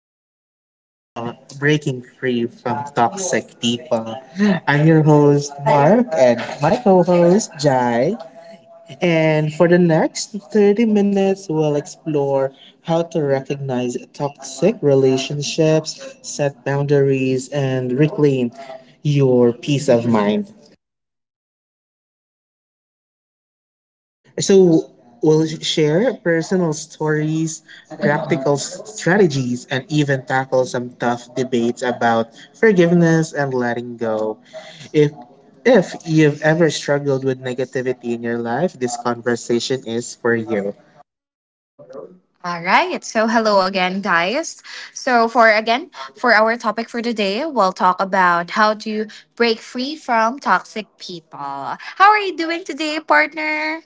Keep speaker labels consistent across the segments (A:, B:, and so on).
A: episode of Breaking Free from Toxic People. I'm your host, Mark, and my co host, Jai. And for the next 30 minutes, we'll explore how to recognize toxic relationships, set boundaries, and reclaim your peace of mind. So we'll share personal stories, practical strategies, and even tackle some tough debates about forgiveness and letting go. If if you've ever struggled with negativity in your life, this conversation is for you.
B: All right. So, hello again, guys. So, for again, for our topic for today, we'll talk about how to break free from toxic people. How are you doing today, partner?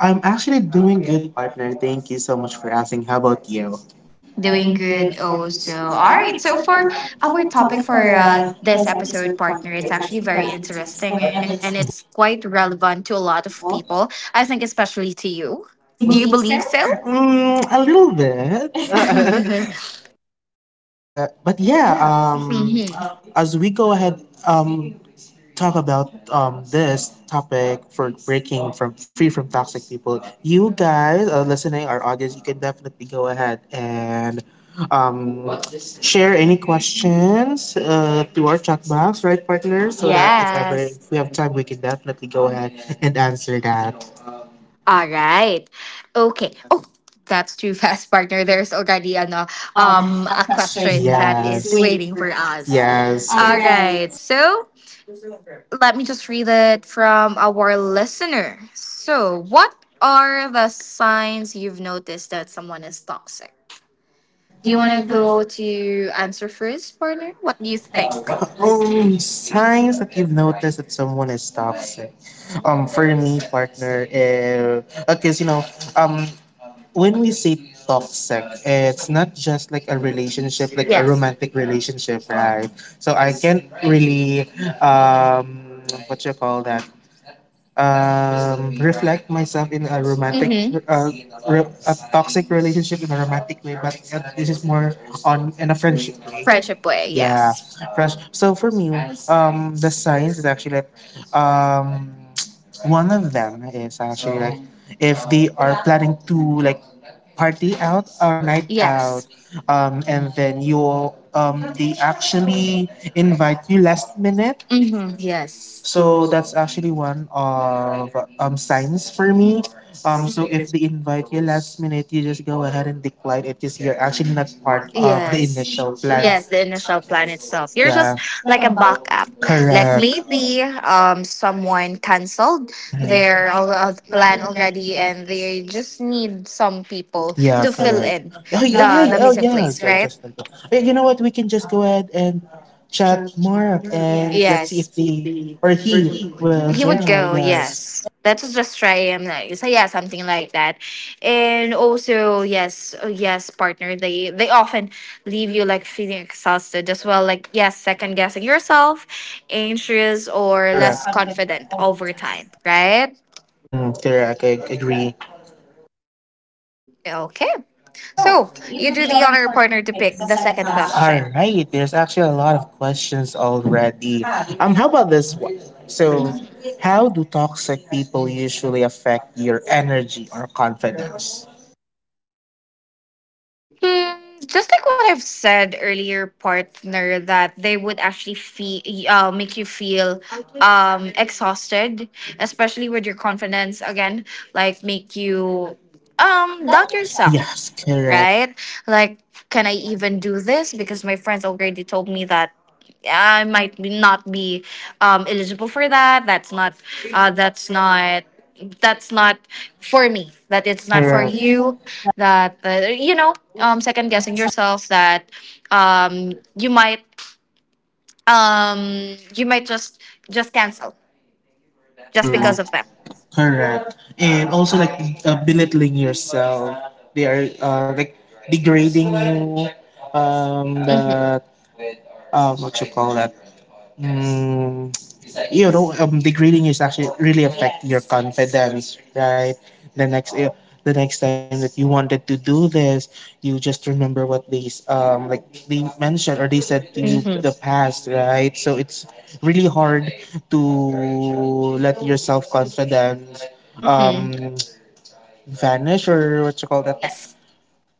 A: I'm actually doing good, partner. Thank you so much for asking. How about you? Doing
B: Doing
A: good
B: good,
A: also.
B: also.
A: All
B: All
A: right,
B: right.
A: so
B: So,
A: for
B: for
A: our
B: our
A: topic
B: topic
A: for
B: for
A: this
B: this
A: episode,
B: episode,
A: partner,
B: partner,
A: it's
B: it's
A: actually
B: actually
A: very
B: very
A: interesting
B: interesting
A: and
B: and
A: it's.
B: it's quite relevant to a lot of people. I think, especially to you.
A: Do
B: Do
A: you
B: you
A: believe
B: believe
A: so?
B: so?
A: Mm, a little bit. But yeah, as we go ahead, um, talk about this topic for breaking from free from toxic people. You guys, listening, our audience, you can definitely go ahead and um, share any questions to our chat box, right,
B: Mhm.
A: partners? So that if ever
B: Yes.
A: if we have time, we can definitely go ahead and answer that.
B: All right. Okay. Oh, that's too fast, partner. There's already ano
A: um a
B: a
A: question that is,
B: question that is
A: yes, waiting
B: waiting
A: for
B: for
A: us.
B: us.
A: Yes. All
B: All
A: right.
B: right. So let me just read it from our listener. So, what are the signs you've noticed that someone is toxic?
A: Do
B: Do
A: you
B: you want
A: wanna
B: to
A: go?
B: go to answer first, partner?
A: What
B: What
A: do
B: do
A: you
B: you think?
A: think? Signs that you've noticed that someone is toxic. For me, partner, if because um, when we say toxic, it's not just like a relationship, like a
B: Yes.
A: romantic relationship, right? So I can't really, um, what you call that? Reflect myself in a romantic,
B: Mm-hmm.
A: a toxic relationship in a romantic way, but this is more on in a friendship way. Friendship
B: Friendship
A: way.
B: way.
A: Yeah,
B: Yes.
A: fresh. So for me, the signs is actually like, um, one of them is actually like if they are planning to like party out or night out,
B: Yes.
A: and then you they actually invite you last minute.
B: Mm-hmm. Yes.
A: So that's actually one of signs for me. So if they invite you last minute, you just go ahead and decline it because you're actually not part of the
B: Yes.
A: initial plan.
B: Yes, the initial plan itself. You're just
A: Yeah.
B: like a backup. Like
A: Correct.
B: maybe someone canceled
A: Mhm.
B: their plan already and they just need some people
A: Yeah,
B: to fill
A: correct.
B: in
A: Oh, yeah, yeah,
B: the
A: yeah, oh,
B: missing
A: yeah,
B: place,
A: okay,
B: right?
A: just like that. Hey, you know what? We can just go ahead and chat Mark and let's
B: Yes.
A: see if they or he will
B: He would go,
A: join
B: yeah,
A: us. Yes.
B: yes. That was just try him like so yeah, something like that. And also, yes, yes, partner, they often leave you like feeling exhausted as well. Like yes, second guessing yourself, anxious
A: Or less,
B: or
A: correct,
B: less
A: confident
B: confident
A: over
B: over
A: time.
B: time, right?
A: Mm-hmm. Correct. I agree.
B: Okay.
A: So,
B: So
A: you
B: you
A: do
B: do
A: the
B: the
A: other
B: honor
A: partner
B: partner to
A: debate,
B: pick
A: the
B: the
A: second
B: second
A: round. All
B: question.
A: right. There's actually a lot of questions already. How about this one? So, how do toxic people usually affect your energy or confidence?
B: Hmm, just like what I've said earlier, partner, that they would actually feel make you feel exhausted, especially with your confidence. Again, like make you
A: Um, that
B: doubt
A: would suck.
B: yourself
A: Yes, correct.
B: right? Like, can I even do this? Because my friends already told me that yeah, I might be not be eligible for that. That's not. That's not. That's not for me.
A: But
B: That
A: it's
B: it's
A: not for,
B: not for
A: correct, you.
B: you. That you know,
A: And
B: second
A: that's
B: guessing
A: because,
B: yourself. That
A: um,
B: you might. You might just cancel just because
A: true.
B: of that.
A: Correct. And also like belittling yourself. They are like degrading you.
B: Mhm.
A: That what you call that? Mm, Degrading is actually really affect your
B: Yes. Yes.
A: confidence, right? The next, i- the next time that you wanted to do this, you just remember what they, like they mentioned or they said to you the
B: hmm
A: past, right? So it's really hard to let your self confidence,
B: hmm
A: um, vanish or what you call that,
B: Yes.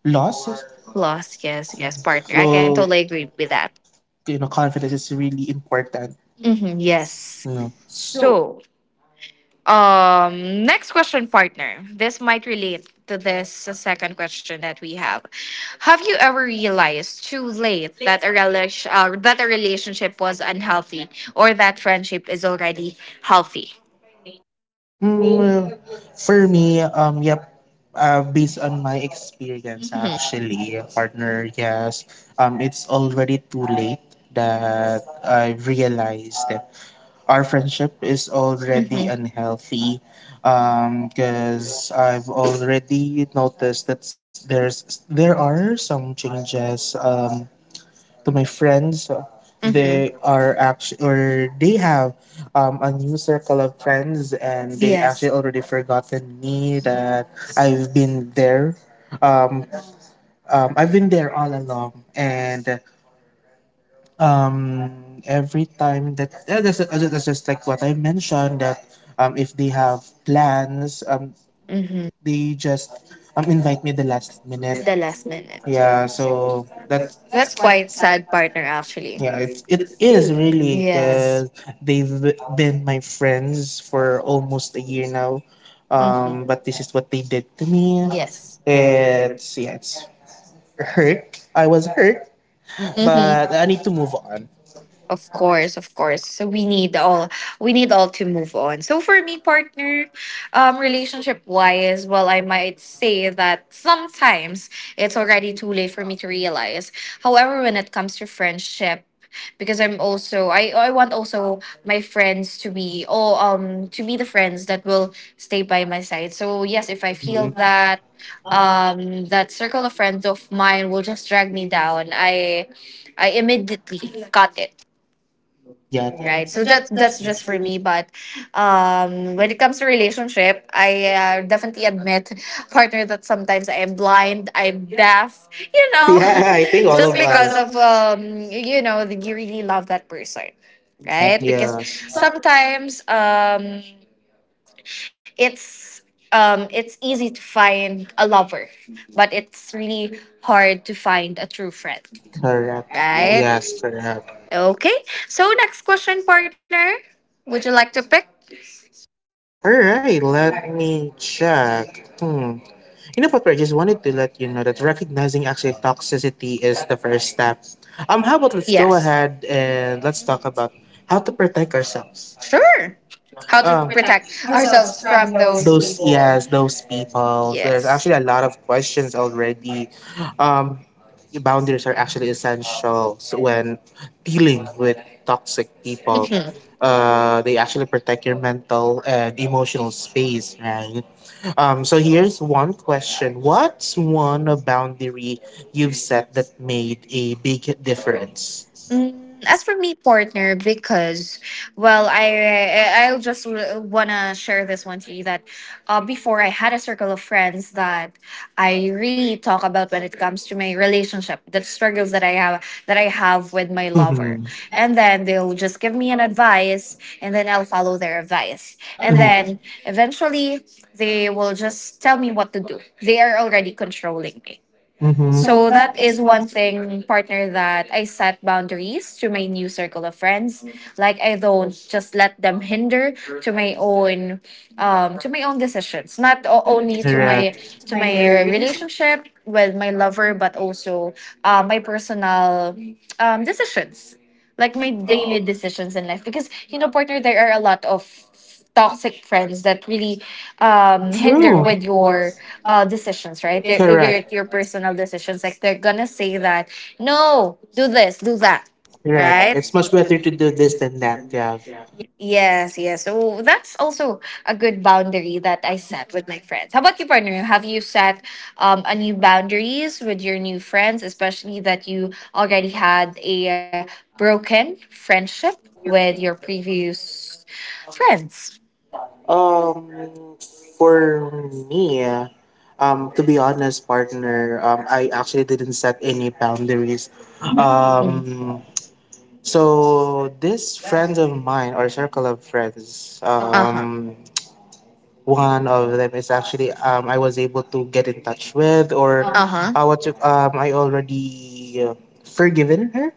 A: loss.
B: Loss, yes, yes, partner. I can
A: So
B: totally agree with that.
A: you know, confidence is really important.
B: Mm-hmm, yes.
A: You know.
B: So, next question, partner. This might relate to this second question that we have. Have you ever realized too late that a relationship was unhealthy or that friendship is already healthy?
A: Well, for me, yep. Based on my experience,
B: Mm-hmm.
A: actually, partner, yes. It's already too late that I realized that our friendship is already
B: Mm-hmm.
A: unhealthy. Because I've already noticed that there are some changes. To my friends. They
B: Mm-hmm.
A: are actually, or they have a new circle of friends, and they
B: Yes.
A: actually already forgotten me that
B: Yes.
A: I've been there. Um,
B: Oh.
A: I've been there all along, and um, every time that that's just like what I mentioned that if they have plans,
B: Mm-hmm.
A: they just invite me the last minute.
B: The last minute.
A: Yeah, so that's
B: That's quite sad, partner, actually.
A: yeah, it's it is really
B: Yes.
A: because they've been my friends for almost a year now.
B: hmm
A: But this is what they did to me.
B: Yes.
A: It's yeah, it's hurt. I was hurt,
B: hmm
A: but I need to move on.
B: Of course, of course. So we need all to move on. So for me, partner, relationship wise, well, I might say that sometimes it's already too late for me to realize. However, when it comes to friendship, because I want also my friends to be oh to be the friends that will stay by my side. So yes, if I
A: Mhm. Mm,
B: feel that that circle of friends of mine will just drag me down, I immediately cut it,
A: yeah.
B: right? So just that's just for me. But um, when it comes to relationship, I definitely admit, partner, that sometimes I'm blind, I'm deaf, you know,
A: Yeah, I think all of
B: just because
A: us.
B: of um, you know, that you really love that person,
A: Mhm,
B: right? Because
A: yes.
B: sometimes um, it's um, it's easy to find a lover, but it's really hard to find a true friend,
A: Correct. Yes,
B: right?
A: correct.
B: Okay. So next question, partner. Would you like to pick?
A: All right, let me check. Hmm. You know what, I just wanted to let you know that recognizing actually toxicity is the first step. How about let's go
B: Yes.
A: ahead and let's talk about how to protect ourselves.
B: Sure.
A: How
B: How
A: to,
B: to
A: Protect
B: protect
A: ourselves
B: ourselves
A: from
B: from
A: those
B: those
A: people.
B: people.
A: Yes, those people. There's
B: Yes.
A: actually a lot of questions already. um Boundaries are actually essential, so when dealing with toxic people
B: Mhm.
A: they actually protect your mental and emotional space, right? So here's one question: what's one a boundary you've set that made a big difference?
B: Mm, as for me, partner, because well, I'll just wanna share this one to you that before I had a circle of friends that I really talk about when it comes to my relationship, the struggles that I have with my lover,
A: Mm-hmm.
B: and then they'll just give me an advice, and then I'll follow their advice,
A: And,
B: and
A: mm-hmm, then,
B: then eventually they will just tell me what to do. They are already controlling me,
A: mm-hmm, so
B: so that
A: that is
B: is
A: what,
B: one thing, partner, that I set boundaries to my new circle of friends. Like I don't just let them hinder to my own to my own decisions, not only
A: correct,
B: to my relationship with my lover, but also my personal decisions, like my
A: like,
B: daily decisions in life. Because you know, partner, there are a lot of toxic friends that really hinder
A: true,
B: with your decisions,
A: right?
B: right?
A: Correct.
B: Your, your
A: Correct.
B: personal decisions, like they're gonna say that no, do this, do that, right?
A: It's much better to do this than that. Yeah.
B: Yes, yes. So that's also a good boundary that I set with my friends. How about you, partner? Have you set a new boundaries with your new friends, especially that you already had a broken friendship with your previous friends?
A: Um, for me, to be honest, partner, I actually didn't set any boundaries.
B: Mm.
A: Um, so this friends of mine or circle of friends,
B: Uh huh.
A: one of them is actually I was able to get in touch with or
B: Uh huh.
A: what you, I already forgiven her,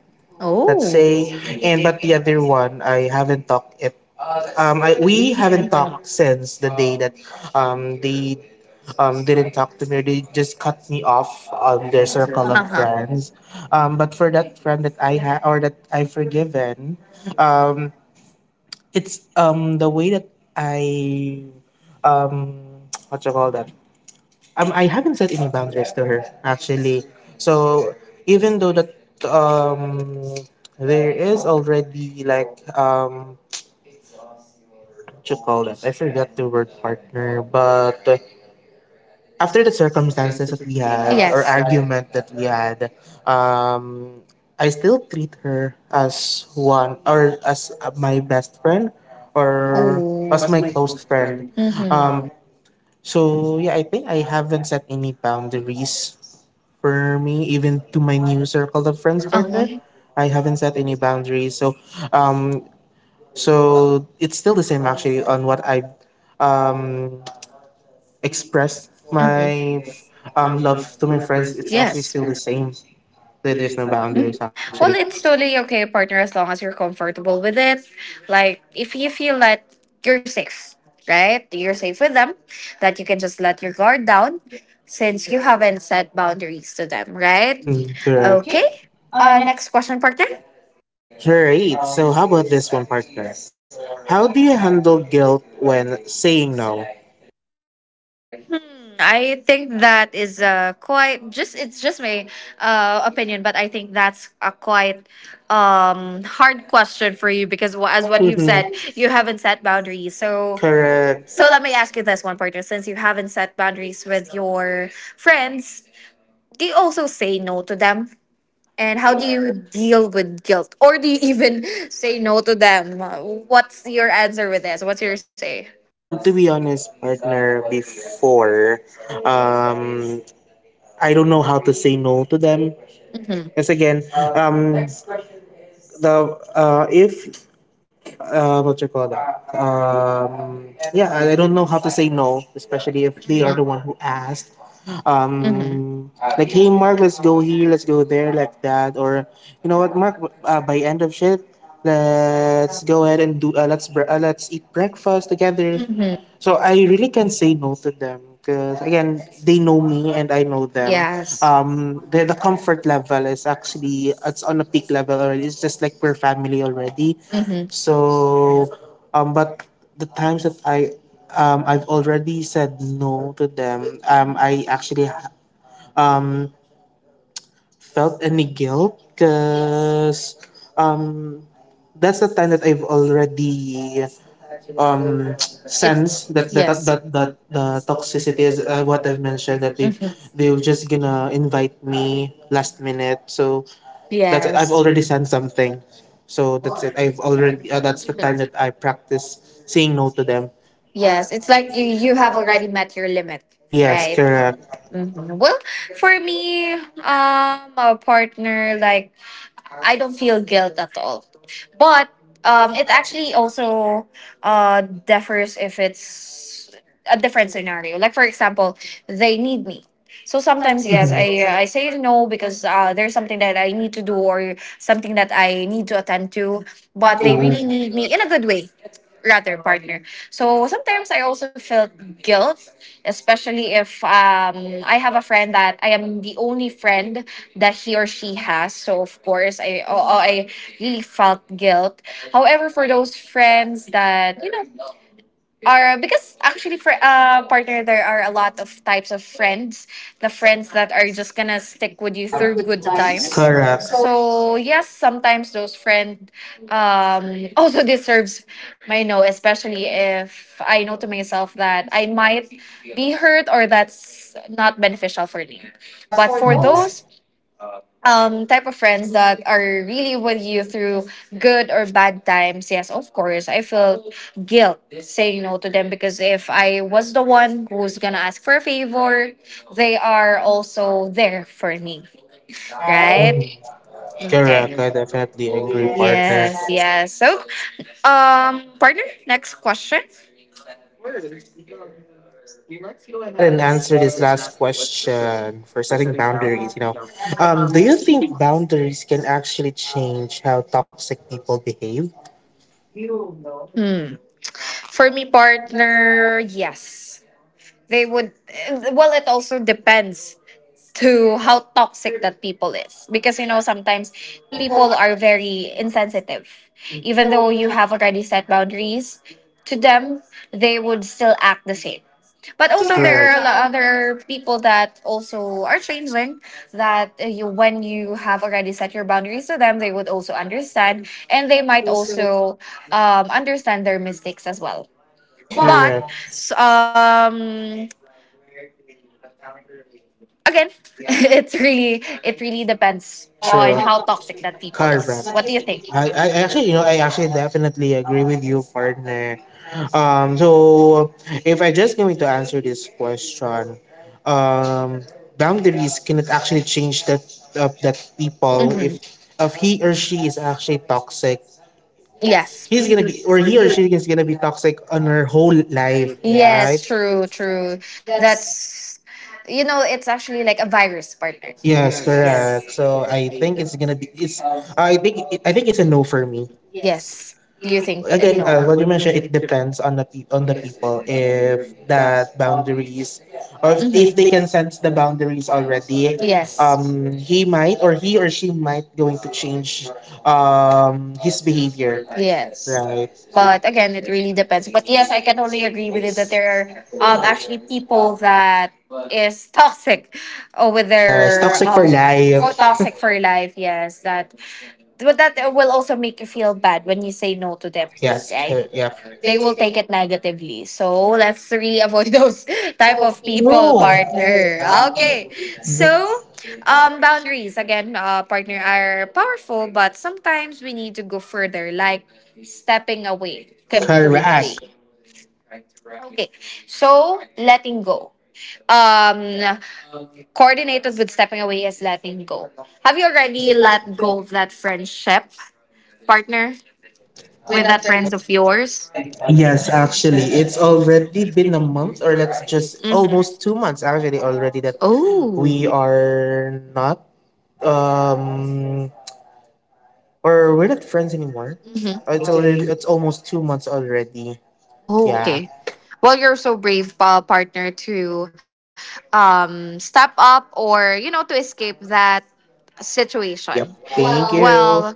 A: let's
B: Oh.
A: say, and but the other one, I haven't talked it. I we haven't talked since the day that they didn't talk to me or they just cut me off on their circle
B: Uh
A: of
B: huh.
A: friends. But for that friend that I had or that I forgiven, um it's the way that I um what you call that, I haven't set any boundaries to her, actually. So even though that, um, there is already like, um, what you call that? I forget the word, partner, but after the circumstances that we had or
B: Yes.
A: argument that we had, um, I still treat her as one or as my best friend or
B: Oh.
A: as my close friend.
B: Mm-hmm.
A: Um, so yeah, I think I haven't set any boundaries for me, even to my new circle of friends, partner.
B: Uh-huh.
A: I haven't set any boundaries. Um, so it's still the same actually on what I um, expressed
B: Mhm. Being
A: my love
B: love
A: to
B: to
A: my
B: my
A: friends.
B: friends is
A: It's actually
B: Yes.
A: still the
B: the
A: same. There's no
B: reason why I Mm. did
A: boundaries
B: it.
A: actually.
B: Well, it's totally okay, partner, as long as you're comfortable with it. Like, if you feel that you're safe, right? You're safe with them, that you can just let your guard down since you haven't set boundaries to them, right?
A: Mm-hmm,
B: Mhm.
A: correct.
B: Okay. Next question, partner.
A: Great. So, how about this one, partner? How do you handle guilt when saying no?
B: I think that is quite just it's just my opinion, but I think that's a quite hard question for you because as what you've
A: Mhm,
B: said, you haven't set boundaries. So
A: correct.
B: so let me ask you this one, partner. Since you haven't set boundaries with your friends, do you also say no to them? And how do you deal with guilt, or do you even say no to them? What's your answer with this? What's your say?
A: To be honest, partner, before, um, I don't know how to say no to them.
B: Mm-hmm.
A: Because again, the if what you call that? Yeah, I don't know how to say no, especially if they are the one who asked.
B: Mm-hmm.
A: Um, like, hey, Mark, let's go here, let's go there, like that. Or, you know what, Mark, by end of shift, let's go ahead and let's eat breakfast together.
B: Mm-hmm.
A: So I really can't say no to them because, again, they know me and I know them.
B: Yes.
A: The comfort level is actually, it's on a peak level already. It's just like we're family already. So, but the times that I've already said no to them, I
B: Mhm.
A: actually, um, felt any guilt
B: Yes.
A: because, um, that's the time that I've already, um,
B: It's-
A: sense that that that
B: yes.
A: that, that the toxicity is what I've mentioned that
B: Mhm.
A: they're just gonna invite me last minute. So, that's it. I've
B: Yes.
A: already sent something. So that's it. I've already, that's the time that I practice saying no to them.
B: Yes.
A: Yes,
B: It's
A: like
B: like you
A: you
B: you
A: have
B: have
A: already.
B: already met your limit,
A: Yes,
B: right?
A: correct.
B: Mhm. Well, for me, a partner like I don't feel guilt at all. But
A: It
B: it
A: actually
B: actually also differs if it's a different scenario. Like for example, they need me. So sometimes
A: sometimes yes,
B: yes,
A: I
B: I I say no because there's something that I need to do or something that I need to attend to, but
A: want
B: they really need
A: it
B: me in a good way, rather partner. So sometimes I also felt guilt, especially if I have a friend that I am the only friend that he or she has. So of course, I oh, oh, I really felt guilt. However, for those friends that you know are because actually for partner there are a lot of types of friends, the friends that are just gonna stick
A: when you
B: with you
A: feel
B: through
A: good
B: good
A: times.
B: times.
A: Correct. So,
B: So yes, sometimes those friend also deserves my no, especially if I know to myself that I might be hurt or that's not beneficial for me.
A: but
B: But
A: for
B: for
A: those,
B: those type of friends that are really with you through good or bad times, yes, of course I felt guilt saying no to them, because if I was the one who's gonna ask for a favor, they are also there for me,
A: mhm.
B: right? Okay.
A: Correct. I definitely agree, yes, partner.
B: Yes, yes. So um, partner, next question.
A: Course. Let's go ahead and answer this last question for setting boundaries. Do you think boundaries can actually change how toxic people behave?
B: Hmm, for me,
A: Partner,
B: partner, yes, they would. Well, it also depends to how toxic that people is, because you know, sometimes
A: people are.
B: people are very insensitive
A: Hmm. Even
B: even though
A: though you
B: you
A: have,
B: have already set boundaries to them. They would still act the same.
A: but
B: But
A: also
B: also,
A: there are,
B: there
A: correct,
B: are a
A: not.
B: lot other people that also are changing. That you, when you have already set your boundaries to them, they would also understand, and they
A: Like
B: might
A: also,
B: also understand their mistakes as well.
A: but,
B: But
A: correct.
B: s- um, again, it really depends
A: Or, true,
B: on
A: how
B: how
A: toxic
B: toxic
A: it
B: that
A: becomes.
B: people
A: Correct.
B: is.
A: What do
B: What do
A: you
B: you
A: think?
B: think?
A: I actually definitely agree with you, partner. So if I just going to answer this question, um, boundaries cannot actually change that of that people if
B: Hmm
A: he or she is actually toxic. Yes.
B: Yes.
A: He's gonna be or he or she is gonna be toxic on her whole life. Yes, right?
B: Yes,
A: True,
B: true,
A: true.
B: true.
A: That's,
B: That's, you know, it's actually like a virus, partner.
A: yes,
B: Yes.
A: correct. So I think it's gonna be it's I think it's a no for me. Yes.
B: Yes. Do
A: You
B: you
A: think?
B: think?
A: Again,
B: No.
A: as what you mentioned, it depends on the people if that boundaries or if they
B: Mhm.
A: can sense the boundaries already. Yes.
B: Yes.
A: He might or he or she might going to change his behavior, yes,
B: Yes.
A: right? But
B: But
A: again,
B: again,
A: it
B: it
A: really
B: really
A: depends.
B: depends.
A: But
B: But
A: yes,
B: yes, I
A: I can
B: can totally
A: totally agree
B: agree
A: with
B: with
A: you
B: you
A: that
B: that
A: there
B: there are
A: are
B: actually
A: actually
B: people
A: people that
B: that is toxic or
A: with
B: with
A: their, yes,
B: their
A: toxic for
B: for
A: life. Oh,
B: toxic for life. Yes, that but that will also make you feel bad when you say no to them,
A: yes,
B: right?
A: true. Yep.
B: They
A: They
B: will
A: will
B: take
A: take a
B: it negatively. So let's really avoid those
A: tribe
B: type
A: of
B: of
A: people,
B: people,
A: true. Are
B: partner.
A: her. Okay.
B: Okay.
A: So
B: So um, boundaries again, partner, are powerful, but sometimes we need to go further, like stepping away
A: Correct. Have
B: completely. Okay. So letting go um, coordinated with stepping away is letting go. Have
A: you
B: you
A: True.
B: already
A: Already let
B: let
A: go
B: go of that friendship, partner,
A: with
B: with
A: that
B: that
A: friend?
B: friends of yours?
A: Yes, actually, it's already been a month, or let's just
B: Hmm
A: almost 2 months actually already that
B: Oh.
A: we are not um or we're not friends anymore.
B: hmm
A: It's already it's almost 2 months already.
B: Oh,
A: Yeah.
B: okay. Well, you're so brave, partner, to step up or, you know, to escape that
A: Yep.
B: situation.
A: Thank Wow. you.
B: Well,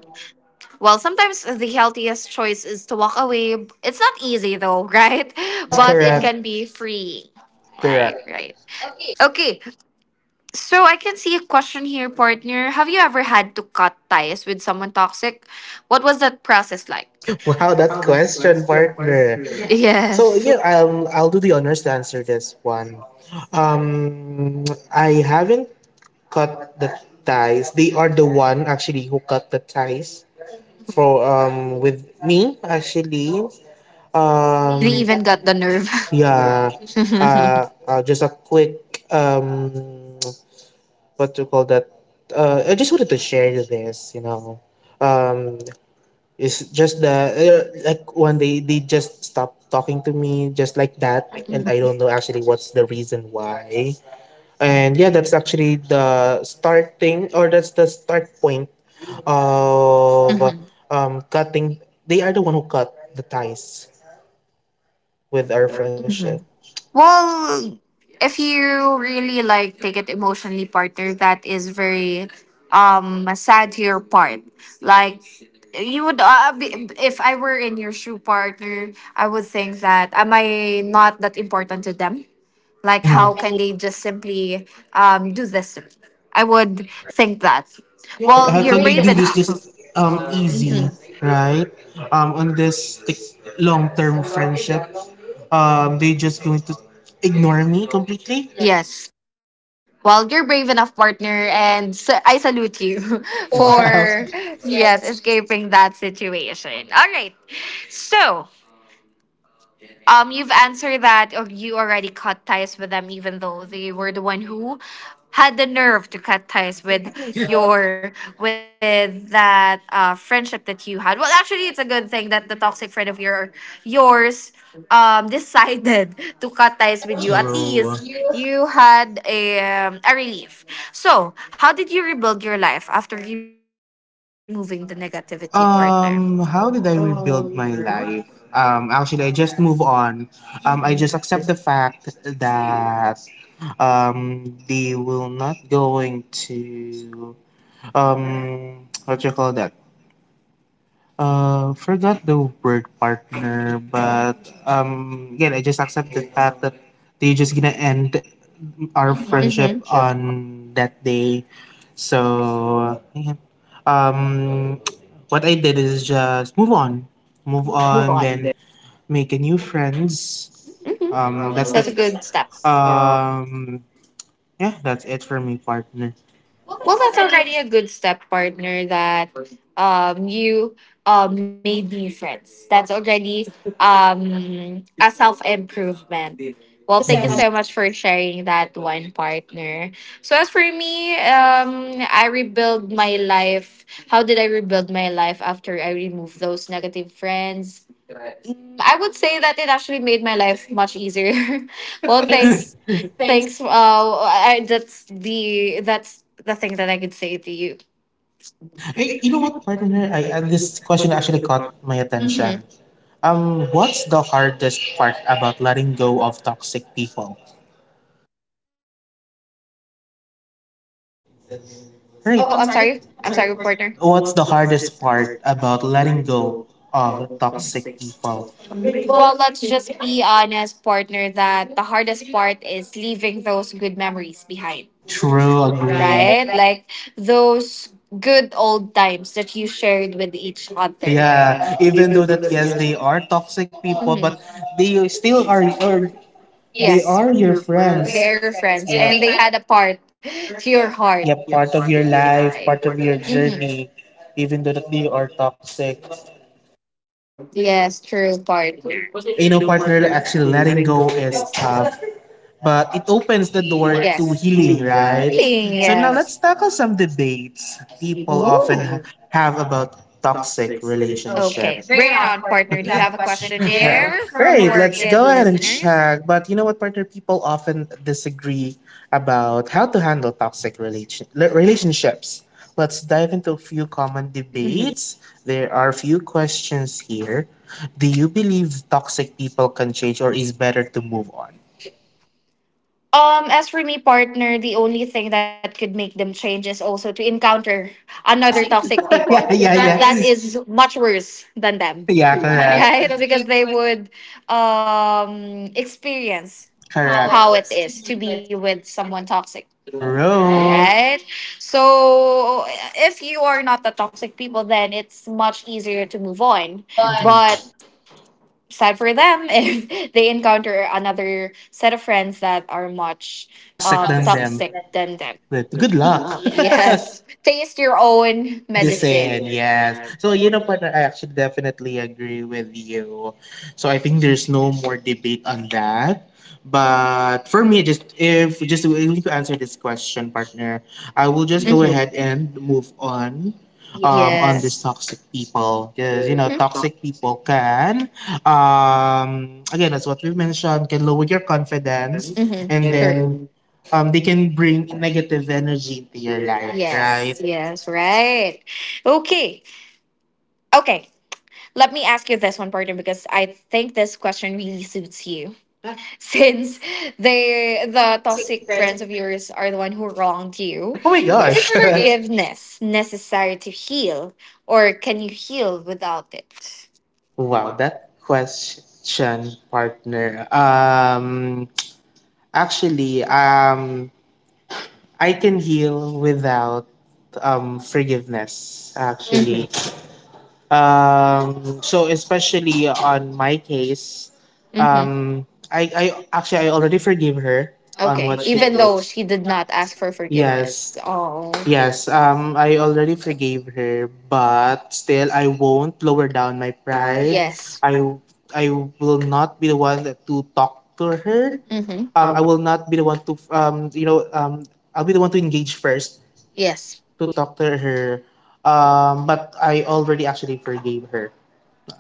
B: well, sometimes the healthiest choice is to walk away. It's not easy though, right?
A: Yes, Wow,
B: But it
A: correct.
B: can be free. Like,
A: Correct.
B: right.
A: Okay.
B: Okay. So I can see a question here, partner. Have you ever had to cut ties with someone toxic? What was that process like?
A: Wow, that question, partner. So
B: Yes. So-
A: yeah, I'll do the honors to answer this one. Um, I haven't cut the ties. They are the one actually who cut the ties
B: Mhm.
A: for with me actually.
B: They
A: Um,
B: even got the nerve.
A: yeah. Just a quick what to call that? I just wanted to share this. You know, um, it's just the like one day they just stopped talking to me just like that, and
B: Mhm.
A: I don't know actually what's the reason why. And yeah, that's actually the starting or that's the start point of cutting. They are the one who cut the ties with our friendship.
B: Well, if you really like take it emotionally, partner, that is very sad to your part. Like you would be, if I were in your shoe, partner, I would think that, am I not that important to them?
A: Like,
B: Like, how
A: Mhm.
B: can they just simply do this to me? I would think that.
A: Yeah,
B: Well,
A: I
B: you're
A: thought they
B: brave
A: do this
B: enough.
A: just easy,
B: Mhm.
A: right? On this long-term friendship, they just going to ignore me completely.
B: Yes. Well, you're brave enough, partner, and I salute you
A: Wow.
B: for yes escaping that situation. All right, so you've answered that, or you already cut ties with them, even though they were the one who had the nerve to cut ties with your with that friendship that you had. Well, actually, it's a good thing that the toxic friend of yours decided to cut ties with you. At
A: True.
B: least you had a relief. So, how did you rebuild your life after removing the negativity, partner?
A: How did I rebuild my life? Actually, I just move on. I just
B: Mm-hmm.
A: accept the fact that they will not going to what you call that forgot the word partner, but again, I just accept the fact that they're just gonna end our
B: Mm-hmm.
A: friendship on that day. So, yeah. um, what I did is just move on, move
B: Move
A: on,
B: on.
A: then make a new friends.
B: Mm-hmm.
A: That's
B: That's
A: that.
B: a good step.
A: Um, yeah, that's it for me, partner.
B: Well, that's already a good step, partner. That you made new friends. That's already a self improvement. Well, thank you so much for sharing that one, partner. So as for me, I rebuild my life. How did I rebuild my life after I removed those negative friends? I would say that it actually made my life much easier.
A: Well,
B: Well,
A: thanks.
B: thanks.
A: Thanks.
B: Thanks. That's the thing that I could say to you.
A: Mhm. Eh, you know what, partner? I this question actually caught my attention.
B: Mhm.
A: What's the hardest part about letting go of toxic people? Right. Oh,
B: Oh,
A: I'm
B: I'm
A: sorry.
B: sorry.
A: I'm
B: I'm
A: sorry,
B: sorry,
A: reporter.
B: partner.
A: What's the hardest part about letting go of
B: Well,
A: toxic people? Well,
B: let's just be honest, partner, that the hardest part is leaving those good memories behind,
A: True, agree. Right?
B: right?
A: Like,
B: Like those good old times that you shared with each
A: what?
B: other.
A: Yeah, even though that yes, they are toxic people, but
B: Mhm.
A: they still are, or they Yes.
B: Yes.
A: are
B: They are
A: your
B: your
A: friends. They're friends. And
B: friends,
A: Yeah,
B: and
A: they
B: they
A: had a
B: had a part to
A: yeah,
B: your
A: part.
B: heart.
A: Yeah, part of your life, part of your
B: Mhm.
A: journey, even though that they are toxic.
B: Yes, true, partner.
A: You know, partner, actually letting go is tough but it opens the door Yes. to
B: Yes.
A: healing,
B: Healing,
A: right? Yes. So now Yes.
B: yes.
A: let's tackle some debates
B: Ooh.
A: have about toxic Okay, relationship.
B: Okay.
A: Bring
B: Bring
A: it
B: it
A: on,
B: on,
A: Courtney.
B: partner.
A: You
B: Do you
A: have a
B: have a
A: question
B: question
A: there?
B: there
A: From
B: from
A: Great,
B: our
A: let's Courtney and go
B: good
A: ahead and
B: listeners?
A: Wilson? Check. But you know what, partner? People often disagree about how to handle relationships. Let's dive into a few common
B: Mhm.
A: debates. There are a few questions here. Do you believe toxic people can change, or is better to move on?
B: As for me, partner, the only thing that could make them change is also to encounter
A: Another
B: another
A: toxic
B: toxic
A: people.
B: people
A: yeah,
B: yeah,
A: yeah,
B: yeah,
A: that yeah.
B: that
A: is
B: is much worse than them,
A: yeah, correct.
B: yeah, correct.
A: Correct
B: Right?
A: because we
B: Because they
A: would
B: would experience
A: correct. How
B: how
A: it
B: it
A: is to
B: is
A: be
B: to
A: with them,
B: be with someone toxic.
A: right?
B: Right? So if you are not the toxic people, then it's much easier to move on.
A: But Mhm.
B: But sad for them if they encounter another set of friends that are much
A: Toxic toxic than them. Than
B: toxic than them.
A: them. But good
B: Good
A: luck.
B: luck.
A: Yes.
B: Yes. Taste your own
A: Medicine. Medicine,
B: medicine.
A: yes. So, you know, partner, I actually definitely agree with you. So, I think there's no more debate on that. But for me, just if just willing to answer this question, partner, I will just go
B: Mhm.
A: ahead and move on Yes. this
B: Yes.
A: toxic people. Because, you know,
B: Mhm.
A: toxic people can, again, as what we've mentioned, can lower your confidence
B: Mhm.
A: and True. Then
B: True.
A: they can bring negative energy into your life,
B: Yes,
A: right?
B: yes, right. Okay, okay. Let me ask you this one, partner, because I think this question really suits you. Since the toxic friends of yours are the one who wronged you,
A: Oh my Yes, gosh.
B: is
A: Mr. Kim.
B: forgiveness necessary to heal, or can you heal without it?
A: Wow, that question, partner. Actually, I can heal without forgiveness, Mm. actually.
B: Mm-hmm.
A: So especially on my case,
B: Mm-hmm.
A: um, I actually I already forgive her on
B: Okay,
A: what she did.
B: even though she did not ask for forgiveness.
A: Yes,
B: Oh,
A: yes. I already forgave her, but still I won't lower down my pride. Yes.
B: yes.
A: I will not be the one that to talk to her.
B: Mm-hmm.
A: I will not be the one to I'll be the one to engage first Yes.
B: Yes.
A: to talk to her. But I already actually forgave her.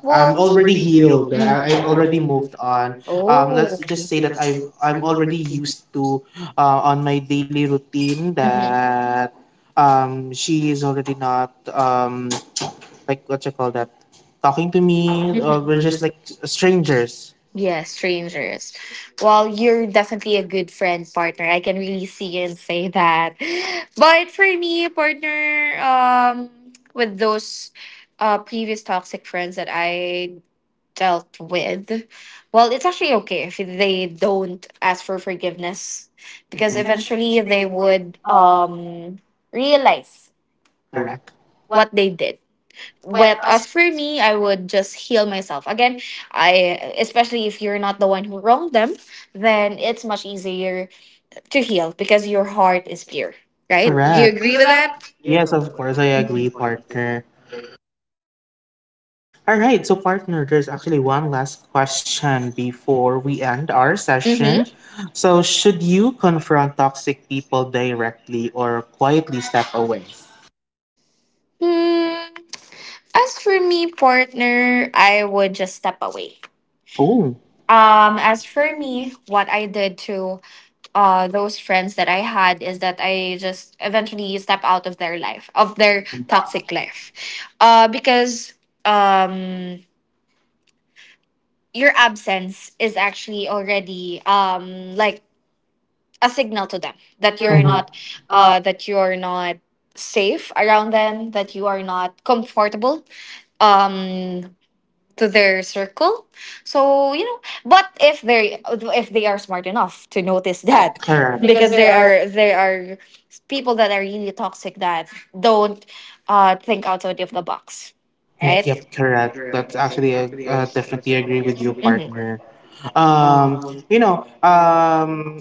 B: Well,
A: I'm
B: I'm
A: already
B: already healed.
A: healed.
B: Mhm.
A: I
B: I've
A: already
B: already moved
A: moved
B: on.
A: on.
B: Oh,
A: Let's
B: let's
A: just
B: just
A: say
B: say
A: that
B: that
A: I'm
B: I'm
A: already
B: already healed.
A: used to on my daily routine that she is already not like what you call that talking to me
B: Mhm.
A: or we're
B: I.
A: just like strangers.
B: Yeah, strangers. Well, you're definitely a good friend, partner. I can really see and say that. But for me, partner, with those previous toxic friends that I dealt with, well, it's actually okay if they don't ask for forgiveness,
A: Because
B: because
A: Mhm. eventually
B: eventually
A: they
B: they
A: would
B: would
A: uh,
B: realize
A: Correct. What
B: what they did.
A: wed
B: But
A: us, right?
B: as for me, I would just heal myself. Again, I especially if you're not the one who wronged them, then it's much easier to heal because your heart is pure,
A: Do you
B: right? Do you
A: Correct. Agree
B: agree
A: with
B: with that?
A: that? Yes, of course I agree, partner. All right, so partner, there's actually one last question before we end our session.
B: Mm-hmm.
A: So, should you confront toxic people directly or quietly step away?
B: Mm, as for me, partner, I would just step away.
A: Oh,
B: As
A: as
B: for
A: per me,
B: me, what I did to those friends that I had is that I just eventually step out of their life,
A: of
B: of
A: their
B: their
A: mhm, toxic
B: toxic
A: life,
B: life. Because um your absence is actually already like a signal to them
A: that
B: that
A: you're mhm,
B: you're
A: not
B: not that you're not safe around them, that you are not comfortable. Um to their circle. So you know, but if they are smart enough to notice that,
A: that correct. Because
B: because
A: there are.
B: there are people that are really toxic that don't think outside of the box, right?
A: Yep, correct. That's actually I definitely agree with you,
B: Mm-hmm.
A: partner. Um, you know,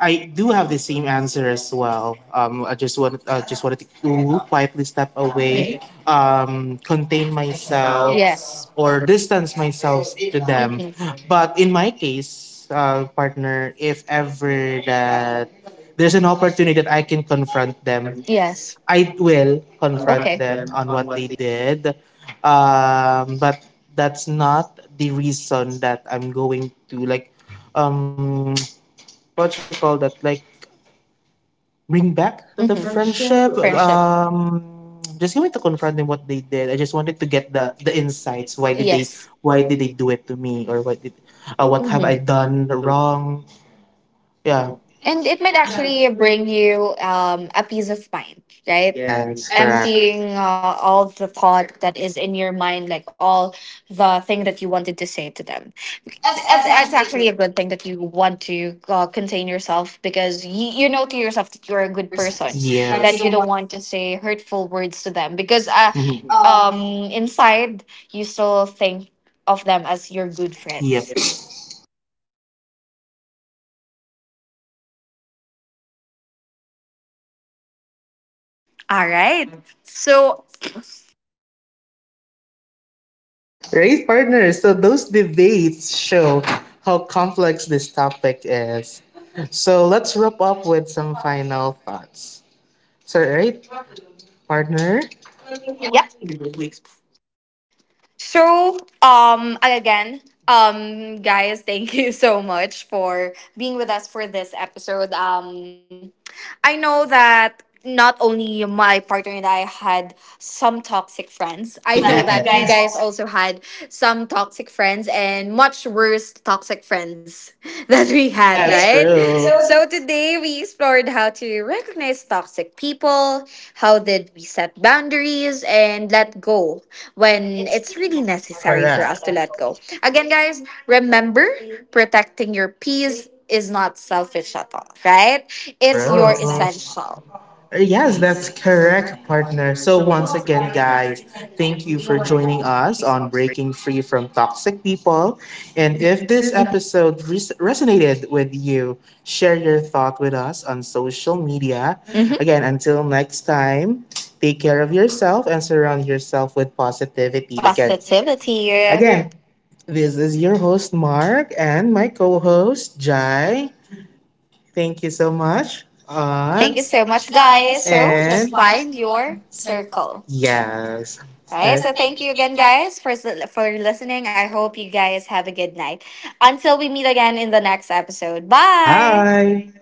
A: I do have the same answer as well. Um, just wanted to quietly step
B: Mm-hmm.
A: away, contain myself,
B: Yes.
A: or distance myself to them.
B: Hmm.
A: But in my case, partner, if ever that there's an opportunity that I can confront them,
B: Yes.
A: I will confront
B: Okay.
A: them on what they did. But that's not the reason that I'm going to like, um, what you call that, like Bring back the
B: Hmm.
A: friendship?
B: Friendship.
A: Just going to confront them what they did. I just wanted to get the insights. Why did they Yes.
B: Yes.
A: Why did they do it to me? Or what did what have I Mm. done
B: Hmm.
A: wrong? Yeah. And
B: And
A: it
B: it
A: might
B: might
A: actually Yeah.
B: actually
A: break,
B: bring you a peace of mind,
A: right?
B: right?
A: Yes. Correct. A
B: Emptying all the thought that is in your mind, like all the thing that you wanted to say to them.
A: as that's
B: It's
A: actually
B: actually a good thing that you want to contain yourself because you know to yourself that
A: a
B: you're a
A: good
B: good
A: person that
B: person,
A: you Yes.
B: that you
A: don't want.
B: don't want to say hurtful words to them
A: 'Cause
B: because
A: I, Mhm.
B: um, inside you still think of them as your good
A: Yep.
B: friends. All right. So,
A: Right, partners? So those debates show how complex this topic is. So let's wrap up with some final thoughts. So, right, partner?
B: yeah. So, again, guys, thank you so much for being with us for this episode. I know that not only my partner and I had some toxic friends, I know
A: Yeah.
B: that you guys also had some toxic friends and much worse toxic friends that we had,
A: Yes,
B: right?
A: true.
B: So today we explored how to recognize toxic people, how did we set boundaries and let go when it's really necessary for
A: Correct.
B: us to let go. Again, guys, remember, protecting your peace is not selfish at all, right? It's
A: True.
B: your essential.
A: Yes, that's correct, partner. So, once again, guys, thank you for joining us on Breaking Free from Toxic People. And if this
B: Mhm.
A: episode resonated with you, share your thought with us on social media. Again, until next time, take care of yourself and surround yourself with positivity. Again,
B: Positivity.
A: again
B: Yeah.
A: this is your host, Mark, and my co host, Jai. Thank you so much, Thank you
B: Thank
A: Aunt.
B: you
A: So
B: so
A: much,
B: much,
A: guys,
B: guys.
A: for just
B: So
A: And
B: just
A: life
B: find
A: your
B: your
A: circle.
B: circle.
A: Yes. All right,
B: Right,
A: So
B: so
A: thank
B: thank
A: you
B: you
A: again,
B: again,
A: guys.
B: guys, for listening. I hope you guys have a good night. Until we meet again in the next episode.
A: Bye. Bye.
B: Bye.